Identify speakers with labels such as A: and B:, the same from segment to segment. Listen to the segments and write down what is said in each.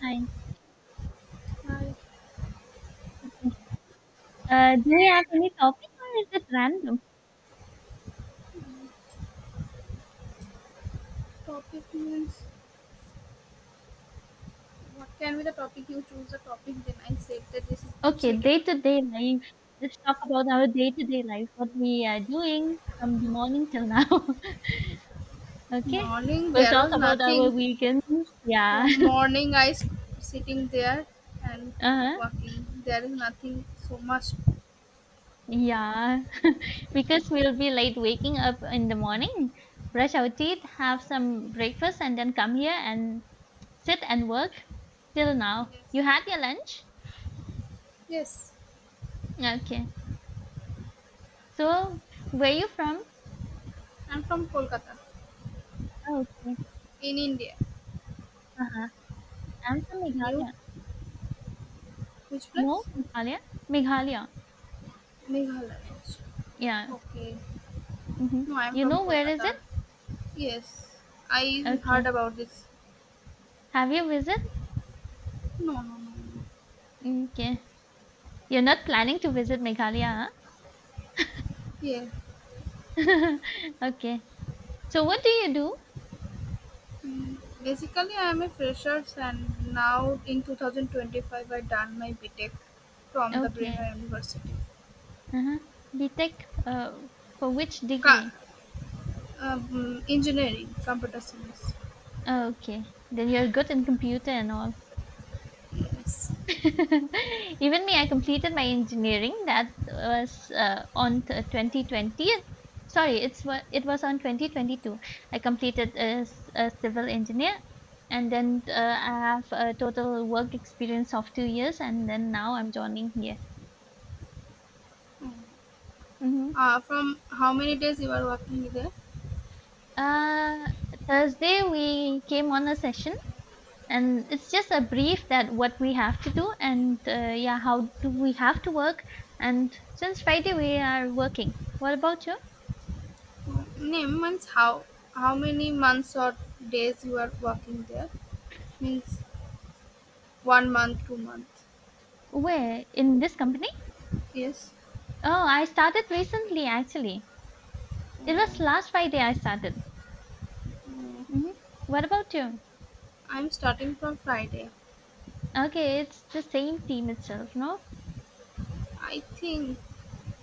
A: Fine.
B: My
A: Okay. Do you have any topic or is it random?
B: topic means what can be the topic, you choose the topic, then I said that this is
A: Okay,
B: suitable.
A: day-to-day life. Let's talk about our day-to-day life, what we are doing from the morning till now. Okay.
B: Morning
A: We'll
B: there
A: talk
B: was
A: about our
B: nothing.
A: weekends. Yeah.
B: From morning I sitting there and
A: Uh-huh.
B: walking. There is nothing so much.
A: Yeah. Because we'll be late waking up in the morning, brush our teeth, have some breakfast, and then come here and sit and work till now.
B: Yes.
A: You had your lunch?
B: Yes.
A: Okay. So, where you from?
B: I'm from Kolkata
A: Okay.
B: in India.
A: I'm from
B: You
A: Meghalaya.
B: which
A: No,
B: place?
A: Meghalaya? Meghalaya.
B: Meghalaya.
A: Yeah.
B: Okay.
A: Hmm.
B: No, I'm
A: You
B: from
A: know where is
B: Kolkata.
A: it?
B: Yes. I heard
A: Okay.
B: about this.
A: Have you visited?
B: No, no, no, no.
A: Okay. You're not planning to visit Meghalaya,
B: Yeah.
A: huh? Okay. So what do you do?
B: Basically, I am a fresher, and now in 2025 I done my BTEC from the
A: Okay.
B: Breno University.
A: Uh-huh. B Tech. uh, for which
B: Ca-
A: degree?
B: engineering, computer science.
A: Okay. Then you're good in computer and all.
B: Yes.
A: Even me, I completed my engineering. That was on 2020. Sorry, it was on 2022. I completed as a civil engineer, and then I have a total work experience of 2 years, and then now I'm joining here. Hmm.
B: From how many days you are working there?
A: Uh, Thursday we came on a session, and it's just a brief that what we have to do, and yeah, how do we have to work. And since Friday we are working. What about you?
B: Name means how many months or days you are working there? Means 1 month, 2 month.
A: Where in this company?
B: Yes.
A: Oh, I started recently actually. It was last Friday I started.
B: Mm,
A: Hmm. What about you?
B: I'm starting from Friday.
A: Okay, it's the same team itself, no?
B: I think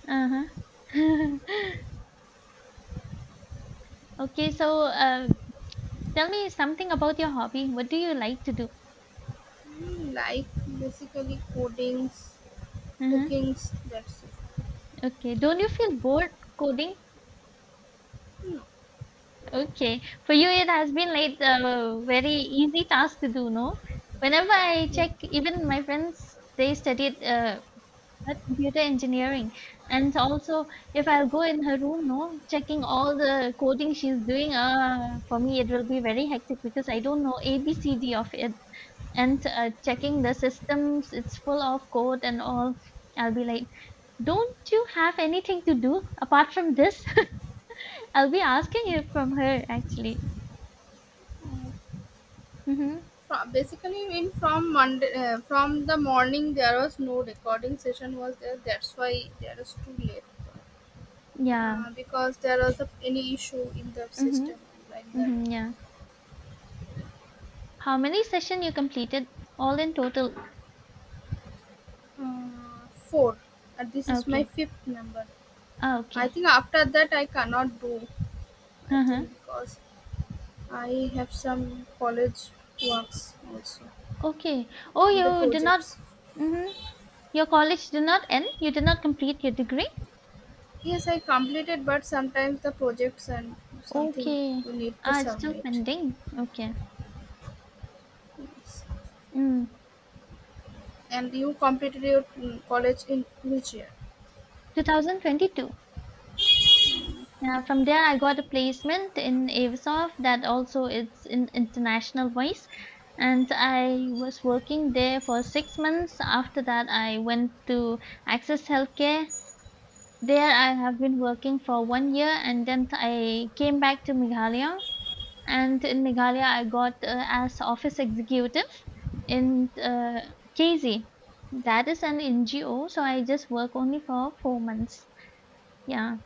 A: Uh-huh. Okay, so tell me something about your hobby. What do you like to do?
B: like basically codings,
A: Hmm.
B: cookings, that's it.
A: Okay, don't you feel bored coding? Okay, for you it has been like a very easy task to do, no? Whenever I check, even my friends, they studied computer engineering. And also if I'll go in her room, no, checking all the coding she's doing, for me it will be very hectic because I don't know ABCD of it. And checking the systems, it's full of code and all. I'll be like, don't you have anything to do apart from this? I'll be asking it from her actually. Mm-hmm.
B: From, basically, in from monday, from the morning there was no recording session was there, that's why there is too late,
A: Yeah.
B: because there was a, any issue in the
A: Mm-hmm.
B: system, like that.
A: Mm-hmm. Yeah. How many session you completed all in total?
B: uh, four, and this is my
A: Okay.
B: fifth number.
A: Ah,
B: I
A: okay.
B: think after that I cannot do. I
A: Uh-huh.
B: think because I have some college works also
A: Okay. Oh,
B: in the
A: you did not.
B: projects.
A: Mm-hmm. Your college did not end? You did not complete your degree?
B: Yes, I completed, but sometimes the projects and something
A: Okay.
B: you need to
A: Ah, it's still
B: submit.
A: pending. Okay.
B: Yes.
A: Mm.
B: And you completed your college in which year?
A: 2022. Yeah, from there I got a placement in Avisoft, that also it's in international voice. And I was working there for 6 months. After that, I went to Access Healthcare. There I have been working for 1 year and then I came back to Meghalaya. And in Meghalaya, I got as office executive in KZ. That is an NGO, so I just work only for 4 months. Yeah.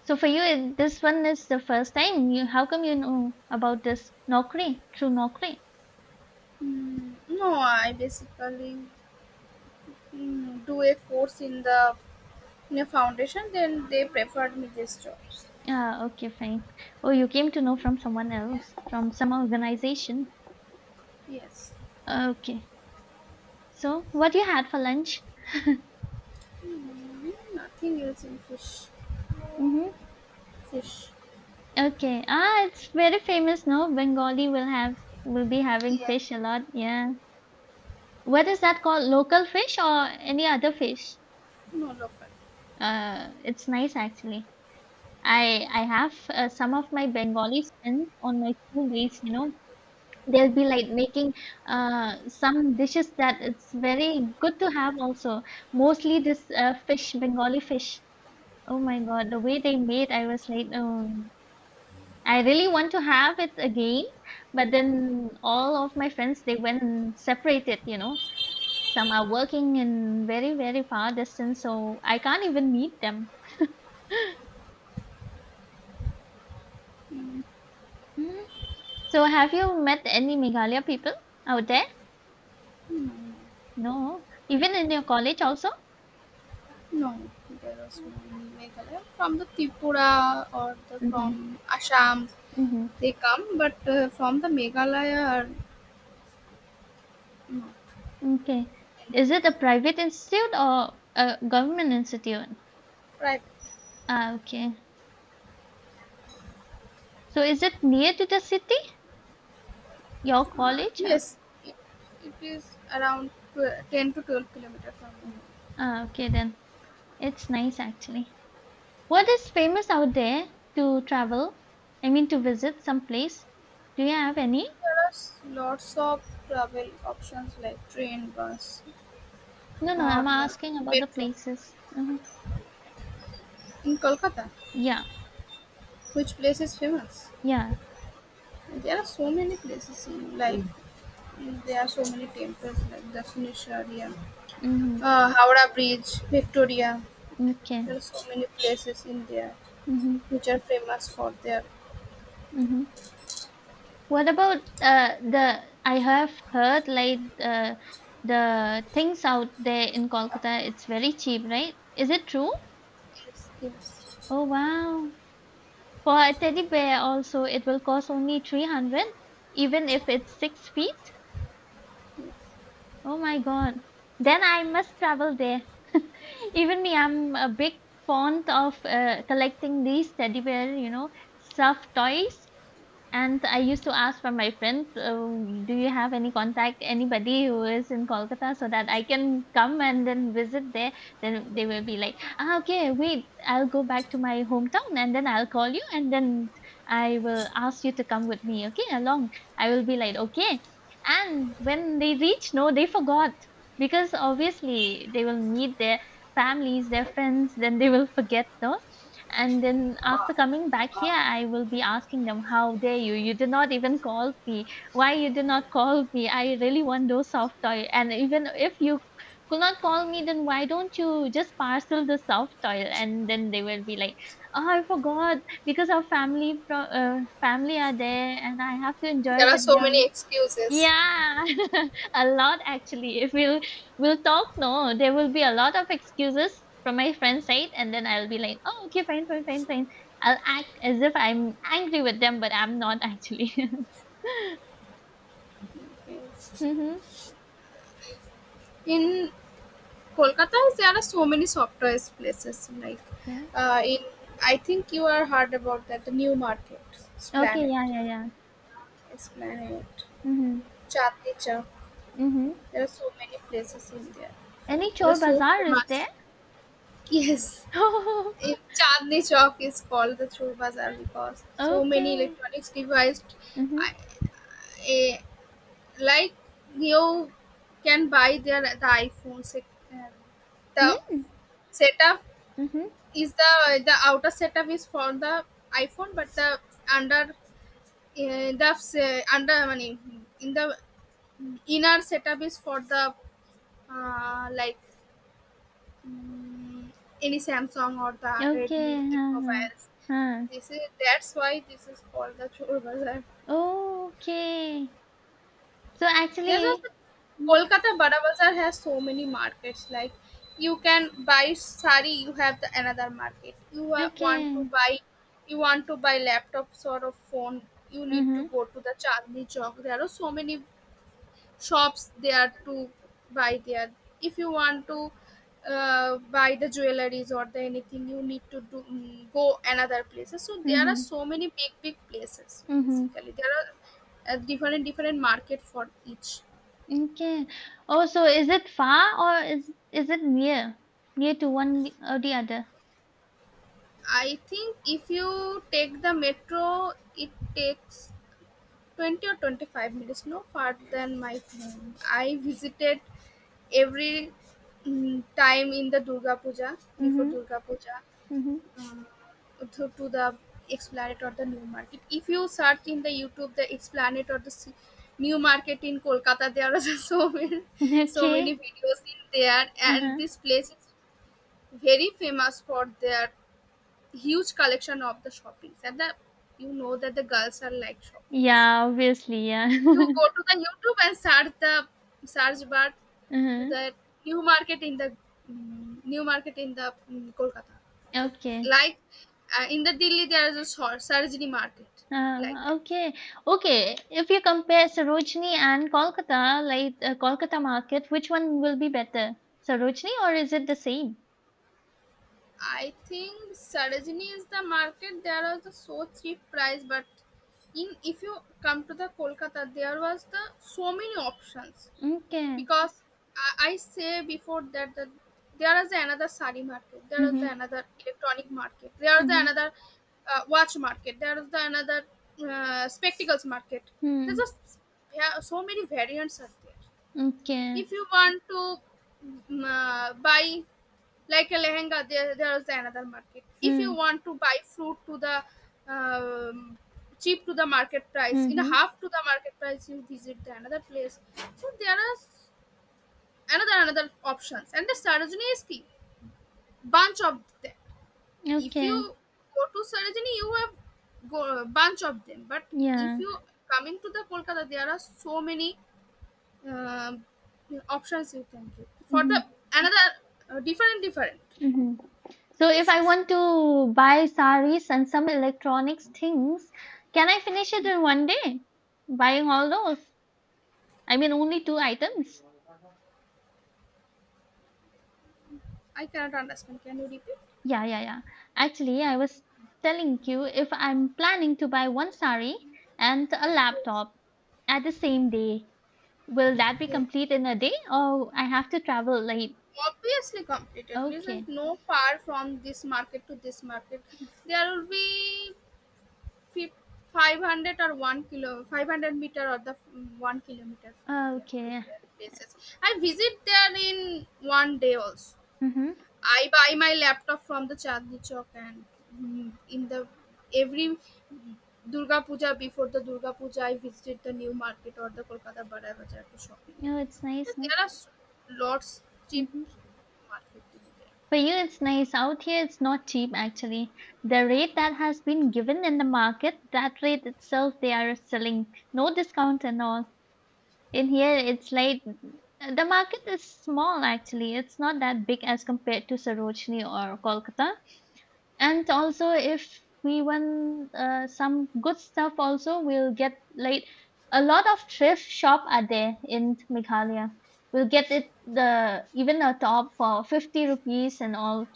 A: So for you, this one is the first time. You, how come you know about this Nokri through Nokri?
B: No, I basically do a course in the in a foundation. Then they preferred me these jobs.
A: Ah, okay, fine. Oh, you came to know from someone else, from some organization.
B: Yes.
A: Okay. So what you had for lunch?
B: Nothing else in fish.
A: Mm-hmm.
B: Fish.
A: Okay. Ah, it's very famous, no? Bengali will be having
B: Yes.
A: fish a lot. Yeah. What is that called? Local fish or any other fish?
B: No local.
A: It's nice actually. I have some of my Bengali friends on my school days. They'll be like making some dishes that it's very good to have also. Mostly this fish, Bengali fish. Oh my God, the way they made, I was like, oh. I really want to have it again, but then all of my friends they went and separated. Some are working in very, very far distance, so I can't even meet them. Mhm. So have you met any Meghalaya people out there? No. Even in your college also?
B: No, there was no in Meghalaya. From the Tripura or the
A: Mm-hmm.
B: from Assam.
A: Mm-hmm.
B: They come, but from the Meghalaya or no,
A: Okay. Is it a private institute or a government institute?
B: right?
A: Ah, okay. So is it near to the city? Your college? Ah,
B: Yes, it, it is around 10 to 12 kilometers from me.
A: ah, okay then. It's nice actually. What is famous out there to travel? I mean, to visit some place. Do you have any?
B: There are lots of travel options like train, bus,
A: No, no,
B: or
A: I'm asking about the
B: metro
A: places. Hmm.
B: in Kolkata.
A: Yeah,
B: Which place is famous?
A: yeah.
B: There are so many places in like there are so many temples like Dashaneshwariya,
A: Hmm.
B: Howrah Bridge, Victoria.
A: Okay.
B: There are so many places in there
A: Hmm.
B: which are famous for their.
A: Hmm. What about the? I have heard like the things out there in Kolkata. It's very cheap, right? Is it true?
B: Yes.
A: Oh wow! For a teddy bear, also it will cost only 300, even if it's 6 feet. Oh my God. Then I must travel there. Even me, I'm a big fond of collecting these teddy bear, stuffed toys. And I used to ask from my friend, do you have any contact, anybody who is in Kolkata so that I can come and then visit there? Then they will be like, ah, okay, wait, I'll go back to my hometown and then I'll call you and then I will ask you to come with me, okay, along. I will be like, okay. And when they reach, no, they forgot because obviously they will meet their families, their friends, then they will forget though. And then after coming back here, I will be asking them, how dare you? You did not even call me. Why you did not call me? I really want those soft toy. And even if you could not call me, then why don't you just parcel the soft toy? And then they will be like, oh, I forgot because our family family are there and I have to
B: There
A: enjoy
B: are
A: with
B: so many
A: them.
B: excuses.
A: Yeah, a lot actually. If we'll talk, no, there will be a lot of excuses from my friend's side, and then I'll be like, oh, okay, fine, fine, fine, fine. I'll act as if I'm angry with them, but I'm not actually.
B: Yes.
A: Mm-hmm.
B: In Kolkata, there are so many software places. Like
A: Okay.
B: uh, in, I think you are heard about that the new market,
A: Okay.
B: Esplanade,
A: Yeah. Yeah. Yeah.
B: Esplanade,
A: Mm-hmm.
B: Chandni Chowk.
A: Mm-hmm.
B: There are so many places in there.
A: Any
B: They are
A: chore
B: so
A: bazaar is there?
B: famous. Yes, in Chandni Chowk is called the Chur Bazaar because so many
A: Okay.
B: electronics devices,
A: Mm-hmm.
B: I, eh, like you can buy their the iPhone set, uh, the
A: Mm-hmm.
B: setup
A: Mm-hmm.
B: is the outer setup is for the iPhone, but the under, I mean, in the inner setup is for the like mm, any samsung or the redmi
A: Okay. Huh, huh,
B: mobiles,
A: huh.
B: this is that's why this is called the Chur Bazaar.
A: Okay. So
B: There's also
A: actually. Mm-hmm.
B: Kolkata Bada Bazaar has so many markets. Like you can buy sari, you have the another market. You
A: Okay.
B: you want to buy laptops or a phone, you need to
A: Mm-hmm.
B: go to the Chandni Chowk. There are so many shops there to buy there. If you want to buy the jewelries or the anything, you need to do, go another places. So there are
A: Mhm.
B: so many big places
A: Mhm.
B: basically. There are different different market for each.
A: Okay. Oh, so is it far or is it near? Near to one or the other?
B: I think if you take the metro, it takes 20 or 25 minutes, no far than my home. I visited every time in the Durga Puja, before
A: Mhm.
B: Durga Puja,
A: Mhm.
B: um, to the Esplanade or the New Market. If you search in the YouTube the Esplanade or the New Market in Kolkata, there are so many
A: Okay.
B: videos in there, and
A: Uh-huh.
B: this place is very famous for their huge collection of the shoppings, and the you know that the girls are like shoppings.
A: Yeah, obviously, yeah.
B: You go to the YouTube and search the search bar to
A: Uh-huh.
B: the new market in the, new market in the Kolkata. It's
A: Okay.
B: like in the Delhi there is a Sarojini market like that.
A: Okay. Okay. If you compare Sarojini and Kolkata, like Kolkata market, which one will be better? Sarojini or is it the same?
B: I think Sarojini is the market, there was the so cheap price, but in, if you come to the Kolkata there was the so many options
A: Okay.
B: because I say before that the, there is another sari market, there is
A: Mm-hmm.
B: another electronic market, there is
A: Mm-hmm.
B: another watch market, there is the another spectacles market. There's
A: Hmm.
B: just yeah, so many variants are there.
A: Okay.
B: If you want to buy like a lehenga, there is another market. If you
A: Hmm.
B: want to buy fruit to the um, cheap to the market price, in a
A: Mm-hmm.
B: half to the market price, you visit the another place. So there are another options, and the Sarojini is key bunch of them. If
A: Okay.
B: you go to Sarojini you have go bunch of them, but if
A: Yeah.
B: you coming to the Kolkata there are so many um options you can do for the
A: Mhm,
B: another different different
A: mhm. So if I
B: places.
A: want to buy saris and some electronics things, can I finish it in one day? Buying all those? I mean, only two items?
B: I cannot understand, can you repeat?
A: Yeah, yeah, yeah. Actually, I was telling you if I'm planning to buy one sari and a
B: Yes,
A: laptop at the same day, will that be
B: yes,
A: complete in a day or I have to travel late?
B: obviously completed. There is
A: Okay,
B: no far from this market to this market. There will be fif- 500 or 1 kilo, 500 meter or the, 1 kilometer from there to
A: okay.
B: their places. I visit there in 1 day also.
A: Mm-hmm.
B: I buy my laptop from the Chandni Chowk, and in the every Durga Puja, before the Durga Puja, I visit the new market or the Kolkata Barai bazaar to shopping.
A: Oh, it's
B: So
A: nice. Huh.
B: there are lots cheap
A: Mhm.
B: market to be.
A: For you, it's nice. Out here, it's not cheap actually. The rate that has been given in the market, that rate itself, they are selling. No discount and all. In here, it's like the market is small actually. It's not that big as compared to Sarojini or Kolkata. And also, if we want some good stuff, also, we'll get like a lot of thrift shop are there in Meghalaya. We'll get it the even a top for 50 rupees and all,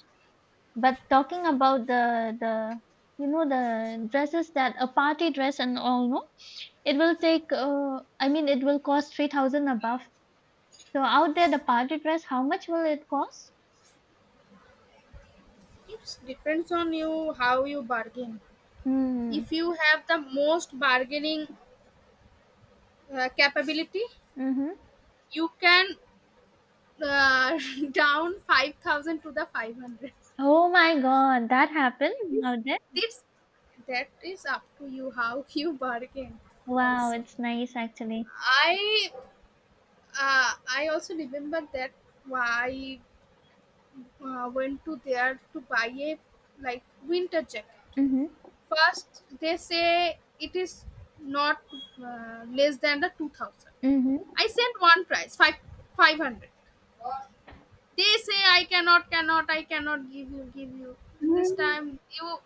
A: but talking about the the dresses that a party dress and all, no, it will take. I mean, it will cost 3,000 above. So out there, the party dress, how much will it cost?
B: There it depends on you how you bargain.
A: Hmm.
B: If you have the most bargaining capability,
A: Mm-hmm.
B: you can, uh, down 5000 to the 500. It
A: Oh my God, that happened
B: is,
A: out there.
B: it's that is up to you how you bargain.
A: Wow,
B: Also
A: it's nice actually.
B: i uh, I also remember that why went to there to buy a like winter jacket.
A: Mm-hmm.
B: First they say it is not less than the 2000.
A: Mm-hmm.
B: I sent one price 5 500. They say I cannot give you, give you. This
A: Mm.
B: time you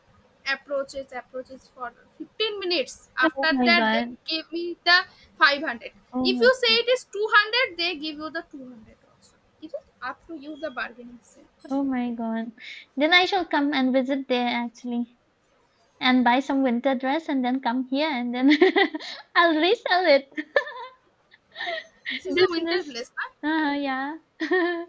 B: approaches for 15 minutes.
A: Oh
B: After
A: my
B: that, they
A: God.
B: give me the 500.
A: Oh
B: If
A: my
B: you say
A: god.
B: it is 200, they give you the 200 also. It is up to you the bargaining skill.
A: Oh my God. Then I shall come and visit there actually, and buy some winter dress and then come here and then I'll resell it.
B: This is a winter
A: Business.
B: place, huh?
A: Yeah.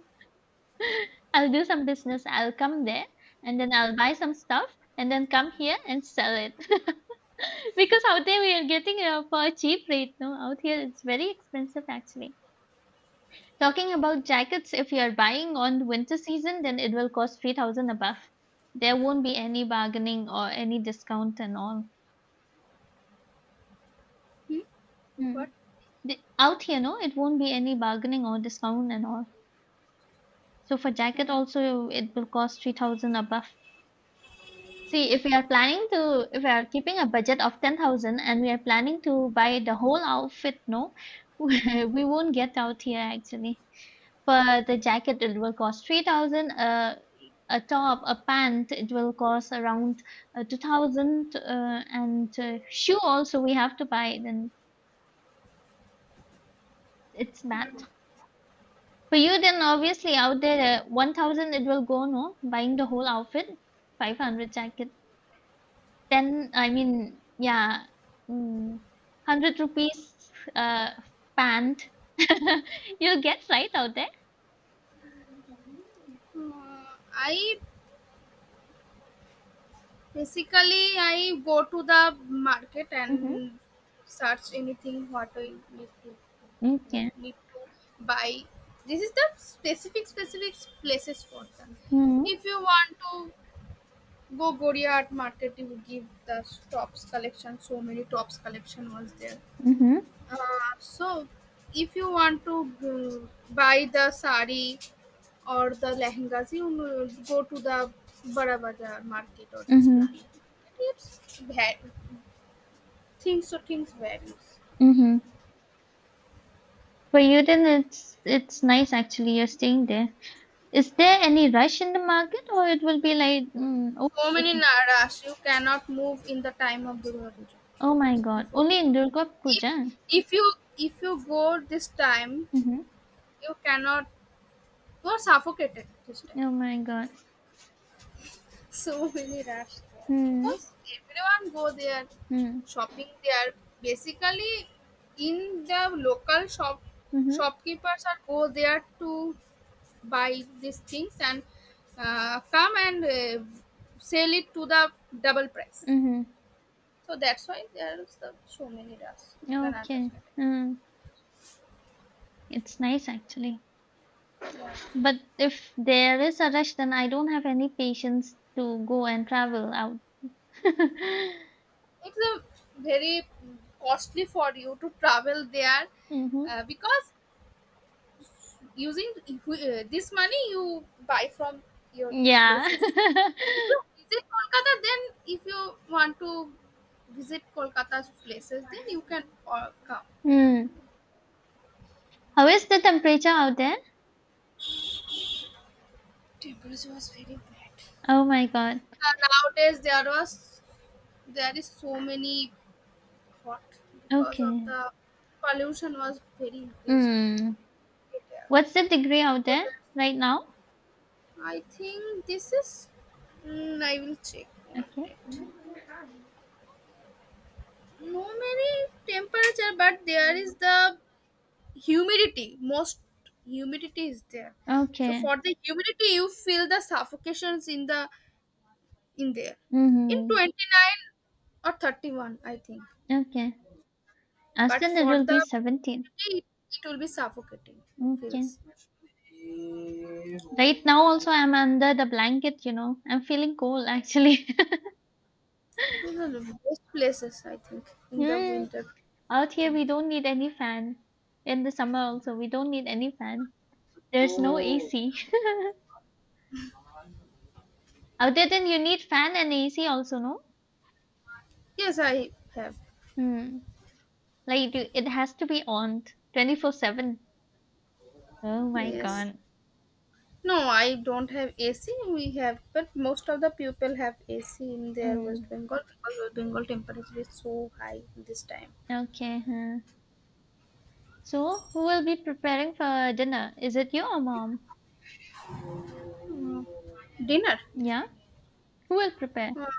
A: I'll do some business. I'll come there and then I'll buy some stuff and then come here and sell it. Because out there we are getting for a cheap rate. No, out here it's very expensive actually. Talking about jackets, if you are buying on winter season, then it will cost 3,000 above. There won't be any bargaining or any discount and all.
B: Hmm?
A: Mm.
B: What?
A: The, out here, no, it won't be any bargaining or discount and all. So for jacket
B: Hmm.
A: also, it will cost 3,000 above. See, if we are planning to, if we are keeping a budget of 10,000 and we are planning to buy the whole outfit, no, we won't get out here actually. For the jacket, it will cost 3,000. A top, a pant, it will cost around 2,000. And shoe also we have to buy. Then it's bad.
B: Hmm.
A: For you then obviously out there 1,000 it will go, no, buying the whole outfit, 500 jacket, then I mean yeah, mm, 100 rupees pant you'll get right out there.
B: I Basically, I go to the market
A: Mm-hmm.
B: and search anything what I need to
A: Okay.
B: buy. This is the specific places for that.
A: Mm-hmm.
B: If you want to go Goria Art Market, you will give the tops collection. So many tops collection was there.
A: Mm-hmm.
B: Uh, so if you want to buy the sari or the lehengas, you go to the Bada Bazaar market or the
A: Mm-hmm.
B: planet. It's things to things varies.
A: Mm-hmm. For you then it's nice actually. You're staying there. Is there any rush in the market or it will be like
B: So many naras, you cannot move in the time of Durga Puja.
A: oh my god,
B: Before,
A: only in Durga
B: if
A: Puja?
B: if you go this time,
A: Mm-hmm.
B: you cannot, you are suffocated this time.
A: Oh my god.
B: So many rush there
A: Hmm.
B: because everyone go there
A: Hmm.
B: shopping there. Basically, in the local shop,
A: Mm-hmm.
B: shopkeepers are go there to buy these things and, come and, sell it to the double price.
A: Mm-hmm.
B: So that's why there is the so many rush, you can
A: Okay.
B: understand it.
A: Hmm. It's nice actually.
B: Yeah,
A: But if there is a rush, then I don't have any patience to go and travel out.
B: it's a very costly for you to travel there,
A: Mm-hmm.
B: because using, this money you buy from your
A: Yeah.
B: places. If you visit Kolkata, then, if you want to visit Kolkata's places, then you can all come.
A: Hmm. How is the temperature out there?
B: Temperature was very bad.
A: Oh my god.
B: And nowadays there was, there is so many hot because of
A: Okay.
B: the pollution was very increased in
A: Hmm.
B: India.
A: What's the degree out
B: So
A: there
B: that-
A: right now?
B: I think this is, I will check one
A: Okay.
B: minute. No many temperature, but there is the humidity, most humidity is there. So
A: Okay.
B: for the humidity you feel the suffocations in the in there. In
A: Mm-hmm.
B: 29 or 31, I think,
A: Okay.
B: but
A: Aston it
B: for
A: will be
B: the
A: 17.
B: humidity, it will be suffocating
A: Okay.
B: feels.
A: Right now also I'm under the blanket, you know. I'm feeling cold actually.
B: These are the best places, I think, in the
A: Mm,
B: winter. I
A: out here
B: think.
A: we don't need any fan. In the summer also we don't need any fan. There's no AC. Out there then you need fan and AC also, no?
B: Yes, I have.
A: Hmm. Like you, it has to be on 24/7. Oh my
B: Yes.
A: god.
B: No, I don't have AC. We have, but most of the people have AC in their West
A: Hmm.
B: Bengal because West Bengal temperature is so high this time.
A: Okay. Huh. So who will be preparing for dinner? Is it you or mom?
B: Mm. Dinner,
A: Yeah. Who will prepare?
B: uh,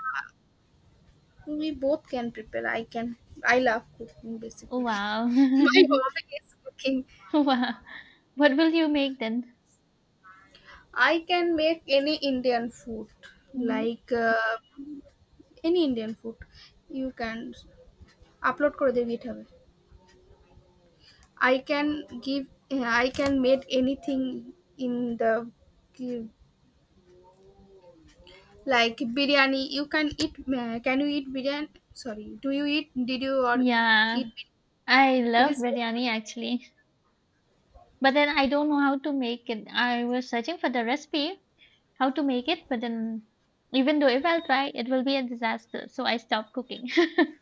B: we both can prepare. I can. I love cooking basically.
A: Wow.
B: My hobby is cooking.
A: Wow. What will you make then?
B: I can make any Indian food,
A: Mhm.
B: like, any Indian food. You can upload করে দেবে হবে, I can give, I can make anything in the, like, biryani. You can eat. Can you eat biryani? Sorry, do you eat? Did you or
A: Yeah,
B: eat? Bir-
A: I
B: It
A: love
B: is,
A: biryani actually, but then I don't know how to make it. I was searching for the recipe, how to make it, but then even though if I'll try, it will be a disaster. So I stopped cooking.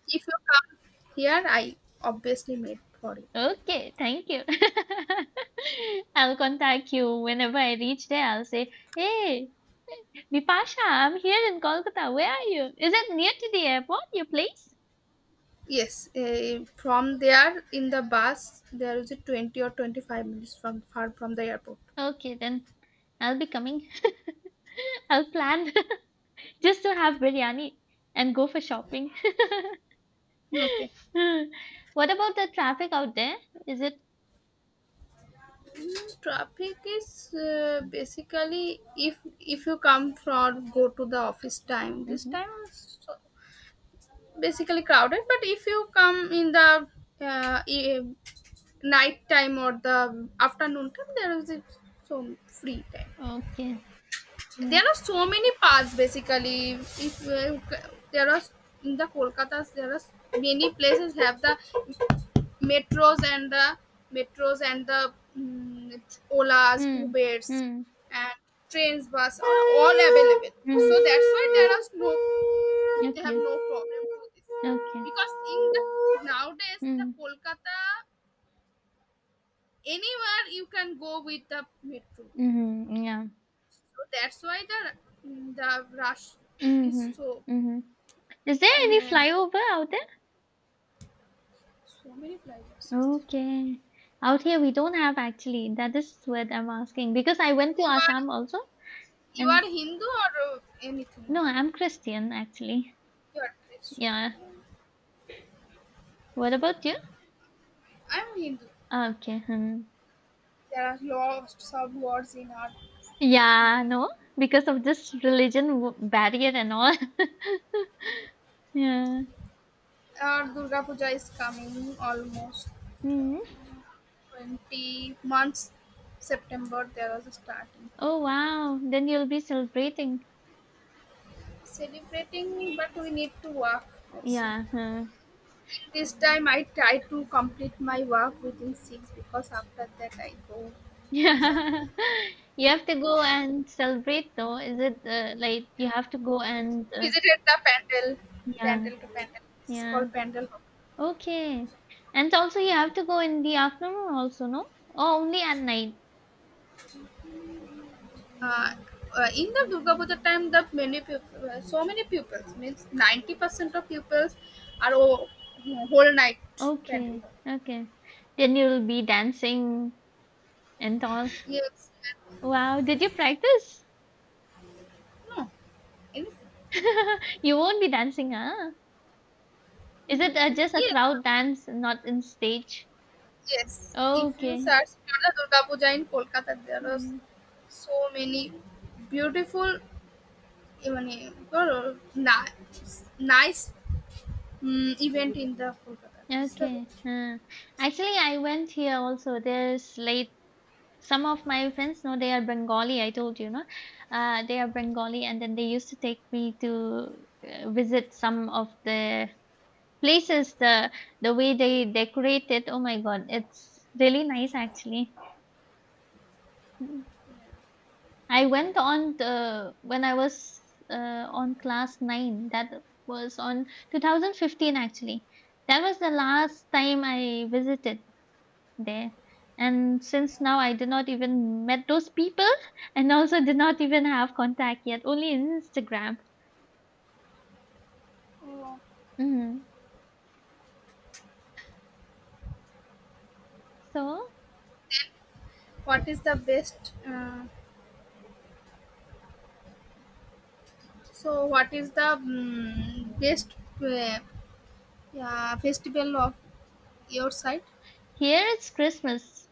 B: if you come here, I obviously made for you.
A: Okay, thank you. I'll contact you whenever I reach there. I'll say, Hey, Vipasha, I'm here in Kolkata. Where are you? Is it near to the airport, your place?
B: Yes, from there in the bus there is a 20 or 25 minutes from far from the airport.
A: Okay, then I'll be coming. I'll plan just to have biryani and go for shopping.
B: Okay.
A: What about the traffic out there? Is it...
B: Traffic is, basically, if you come from, go to the office time. This
A: Mhm.
B: time is so basically crowded, but if you come in the uh, e- night time or the afternoon time, there is a, so free time.
A: Okay.
B: There
A: Mm.
B: are so many paths basically. If, there are in the Kolkata, there are many places have the metros and the metros, and the, mm, olas,
A: Mm.
B: ubers
A: Mm.
B: and trains, bus, are all available,
A: Mm.
B: so that's why there are no they have
A: Okay.
B: no problem to this.
A: Okay.
B: Because in the nowadays the
A: Mm.
B: Kolkata, anywhere you can go with the metro,
A: Mm-hmm. Yeah.
B: so that's why the, the rush is
A: Mm-hmm.
B: so.
A: Mm-hmm. Is there
B: In,
A: any flyover out there?
B: so many flyovers.
A: Okay. Out here we don't have actually. That is what I'm asking because I went to
B: you are
A: Assam also,
B: you
A: and
B: are hindu or anything,
A: no, I'm Christian actually.
B: you are christian?
A: Yeah. What about you?
B: I'm hindu.
A: Ah, okay. Hmm.
B: There are lots of words in our.
A: Yeah,
B: Hmm.
A: no, because of this religion w barrier and all. Yeah.
B: Our Durga Puja is coming almost
A: Hmm.
B: 20 months. September there is a starting
A: Oh, wow. Then you'll be celebrating.
B: celebrating, but we need to work also. In
A: Yeah. Huh.
B: this time, I try to complete my work within six because after that I go for
A: Yeah.
B: the,
A: You have to go and celebrate, though. Is it like you have to go and
B: visited the
A: yeah,
B: pandal to pandal. This is
A: yeah.
B: called pandal.
A: Okay. And also you have to go in the afternoon also, no? Oh, only at night.
B: uh, in the Durga Puja time, the many people, so many pupils means 90% of pupils are whole night pantry.
A: Okay. Okay. Then you'll be dancing and all.
B: Yes,
A: Wow. Did you practice?
B: no, anything.
A: You won't be dancing, huh? Is it
B: Mm,
A: just a
B: yes,
A: crowd dance, not in stage?
B: yes. If you
A: Okay.
B: search for the Durga Puja in Kolkata, there are
A: Mm,
B: so many beautiful, even, nice event in the Kolkata. This is the,
A: okay. Huh. Actually, I went here also. There's late. Some of my friends know, they are Bengali. I told you, no? They are Bengali, and then they used to take me to visit some of the places. The way they decorate it. Oh my God, it's really nice actually. Hmm. I went on the when I was on class 9. That was on 2015 actually. That was the last time I visited there. And since now I did not even met those people, and also did not even have contact yet, only in Instagram.
B: uh,
A: Mhm. So
B: what is the best? What is the best, uh, yeah, festival of your side?
A: here it's Christmas.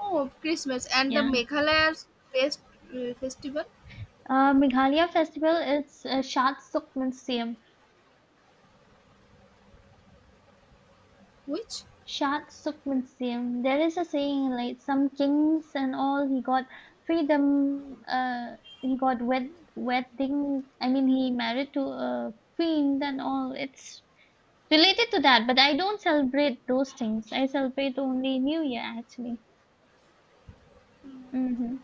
B: Oh, Christmas, and the
A: Yeah.
B: Meghalaya's best festival,
A: Meghalaya festival is Shad Suk
B: which?
A: Shad Sukmansyam. There is a saying like some kings and all, he got freedom, he got wed wedding, I mean he married to a queen and all. It's related to that, but I don't celebrate those things. I celebrate only New Year actually. Hmm.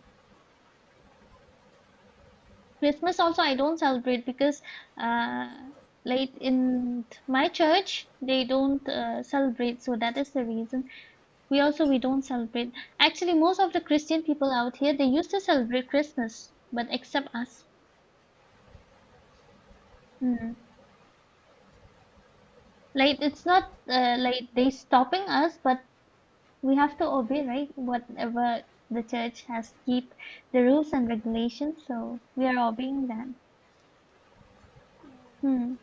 A: Christmas also I don't celebrate because uh like in my church they don't celebrate, so that is the reason. We also we don't celebrate. Actually, most of the Christian people out here they used to celebrate Christmas, but except us. Mm. Like it's not like they stopping us, but we have to obey, right? Whatever the church has keep the rules and regulations, so we are obeying that. Hmm.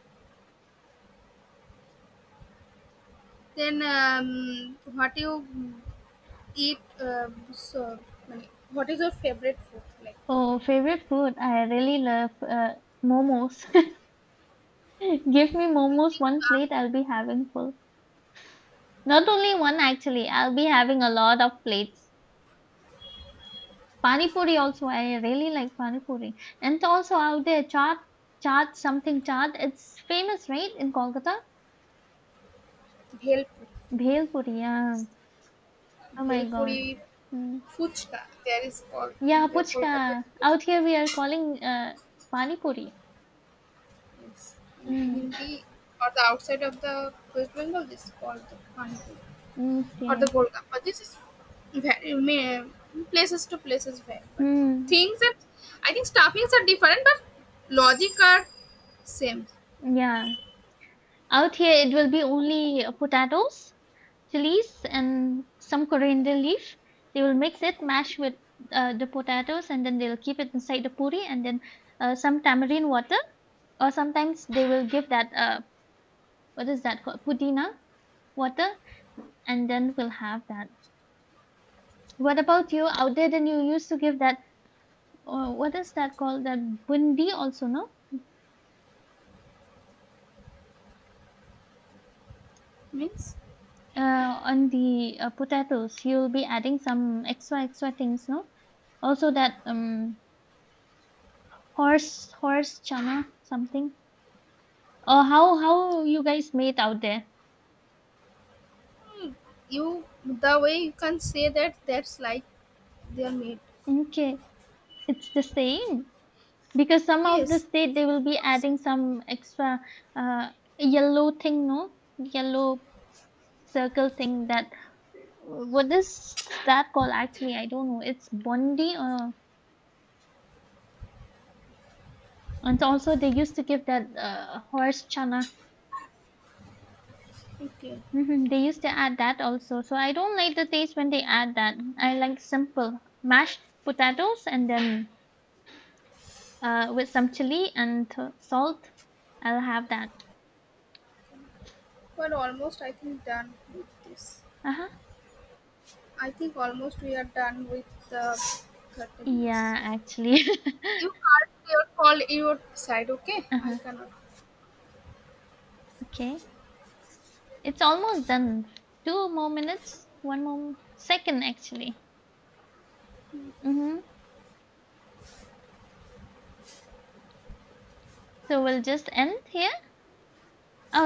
B: Then, what you, eat? Mm, what is your favorite food? Like,
A: Oh, favorite food. I really love momos. Give me
B: I
A: momos
B: think,
A: one
B: uh,
A: plate, I'll be having full. Not only one actually, I'll be having a lot of plates. Pani puri also, I really like pani puri. And also out there, chaat, chaat, something chaat. It's famous, right, in Kolkata?
B: bhelpuri,
A: Bhel puri, yeah. Oh my God.
B: bhelpuri,
A: Mm.
B: fuchka, there is called
A: Yeah,
B: in the Kolkata.
A: puchka. Out here we are calling pani puri.
B: Yes, in
A: Mm.
B: Hindi, or the outside of the West Bengal, this is called the panipuri, or the
A: Okay.
B: gold. But this is very places to places very. But
A: Hmm.
B: things that I think stuffings are different, but logic are same.
A: Yeah. Out here it will be only potatoes, chilies, and some coriander leaf. They will mix it, mash with the potatoes, and then they'll keep it inside the puri, and then some tamarind water, or sometimes they will give that what is that called, pudina water, and then we'll have that. What about you out there? Then you used to give that what is that called, that bundi also, no?
B: Means,
A: uh, on the potatoes, you'll be adding some extra extra things, no? Also that um, horse chana something, or how you guys made out there?
B: you the way you can say that, that's like they are made.
A: Okay, it's the same, because some of the
B: Yes.
A: state they will be adding some extra uh, yellow thing, no, yellow circle thing that, what is that called actually, I don't know, it's bondi or, and also they used to give that horse chana.
B: Okay.
A: Hmm, they used to add that also, so I don't like the taste when they add that. I like simple mashed potatoes and then with some chili and salt, I'll have that.
B: We're almost, I think, done with this.
A: Uh-huh.
B: I think almost we are done with the 30 minutes.
A: Yeah, actually.
B: You can't your call your side, okay? I
A: Uh-huh.
B: cannot.
A: Okay. It's almost done. Two more minutes, one more second actually. Hmm. So we'll just end here.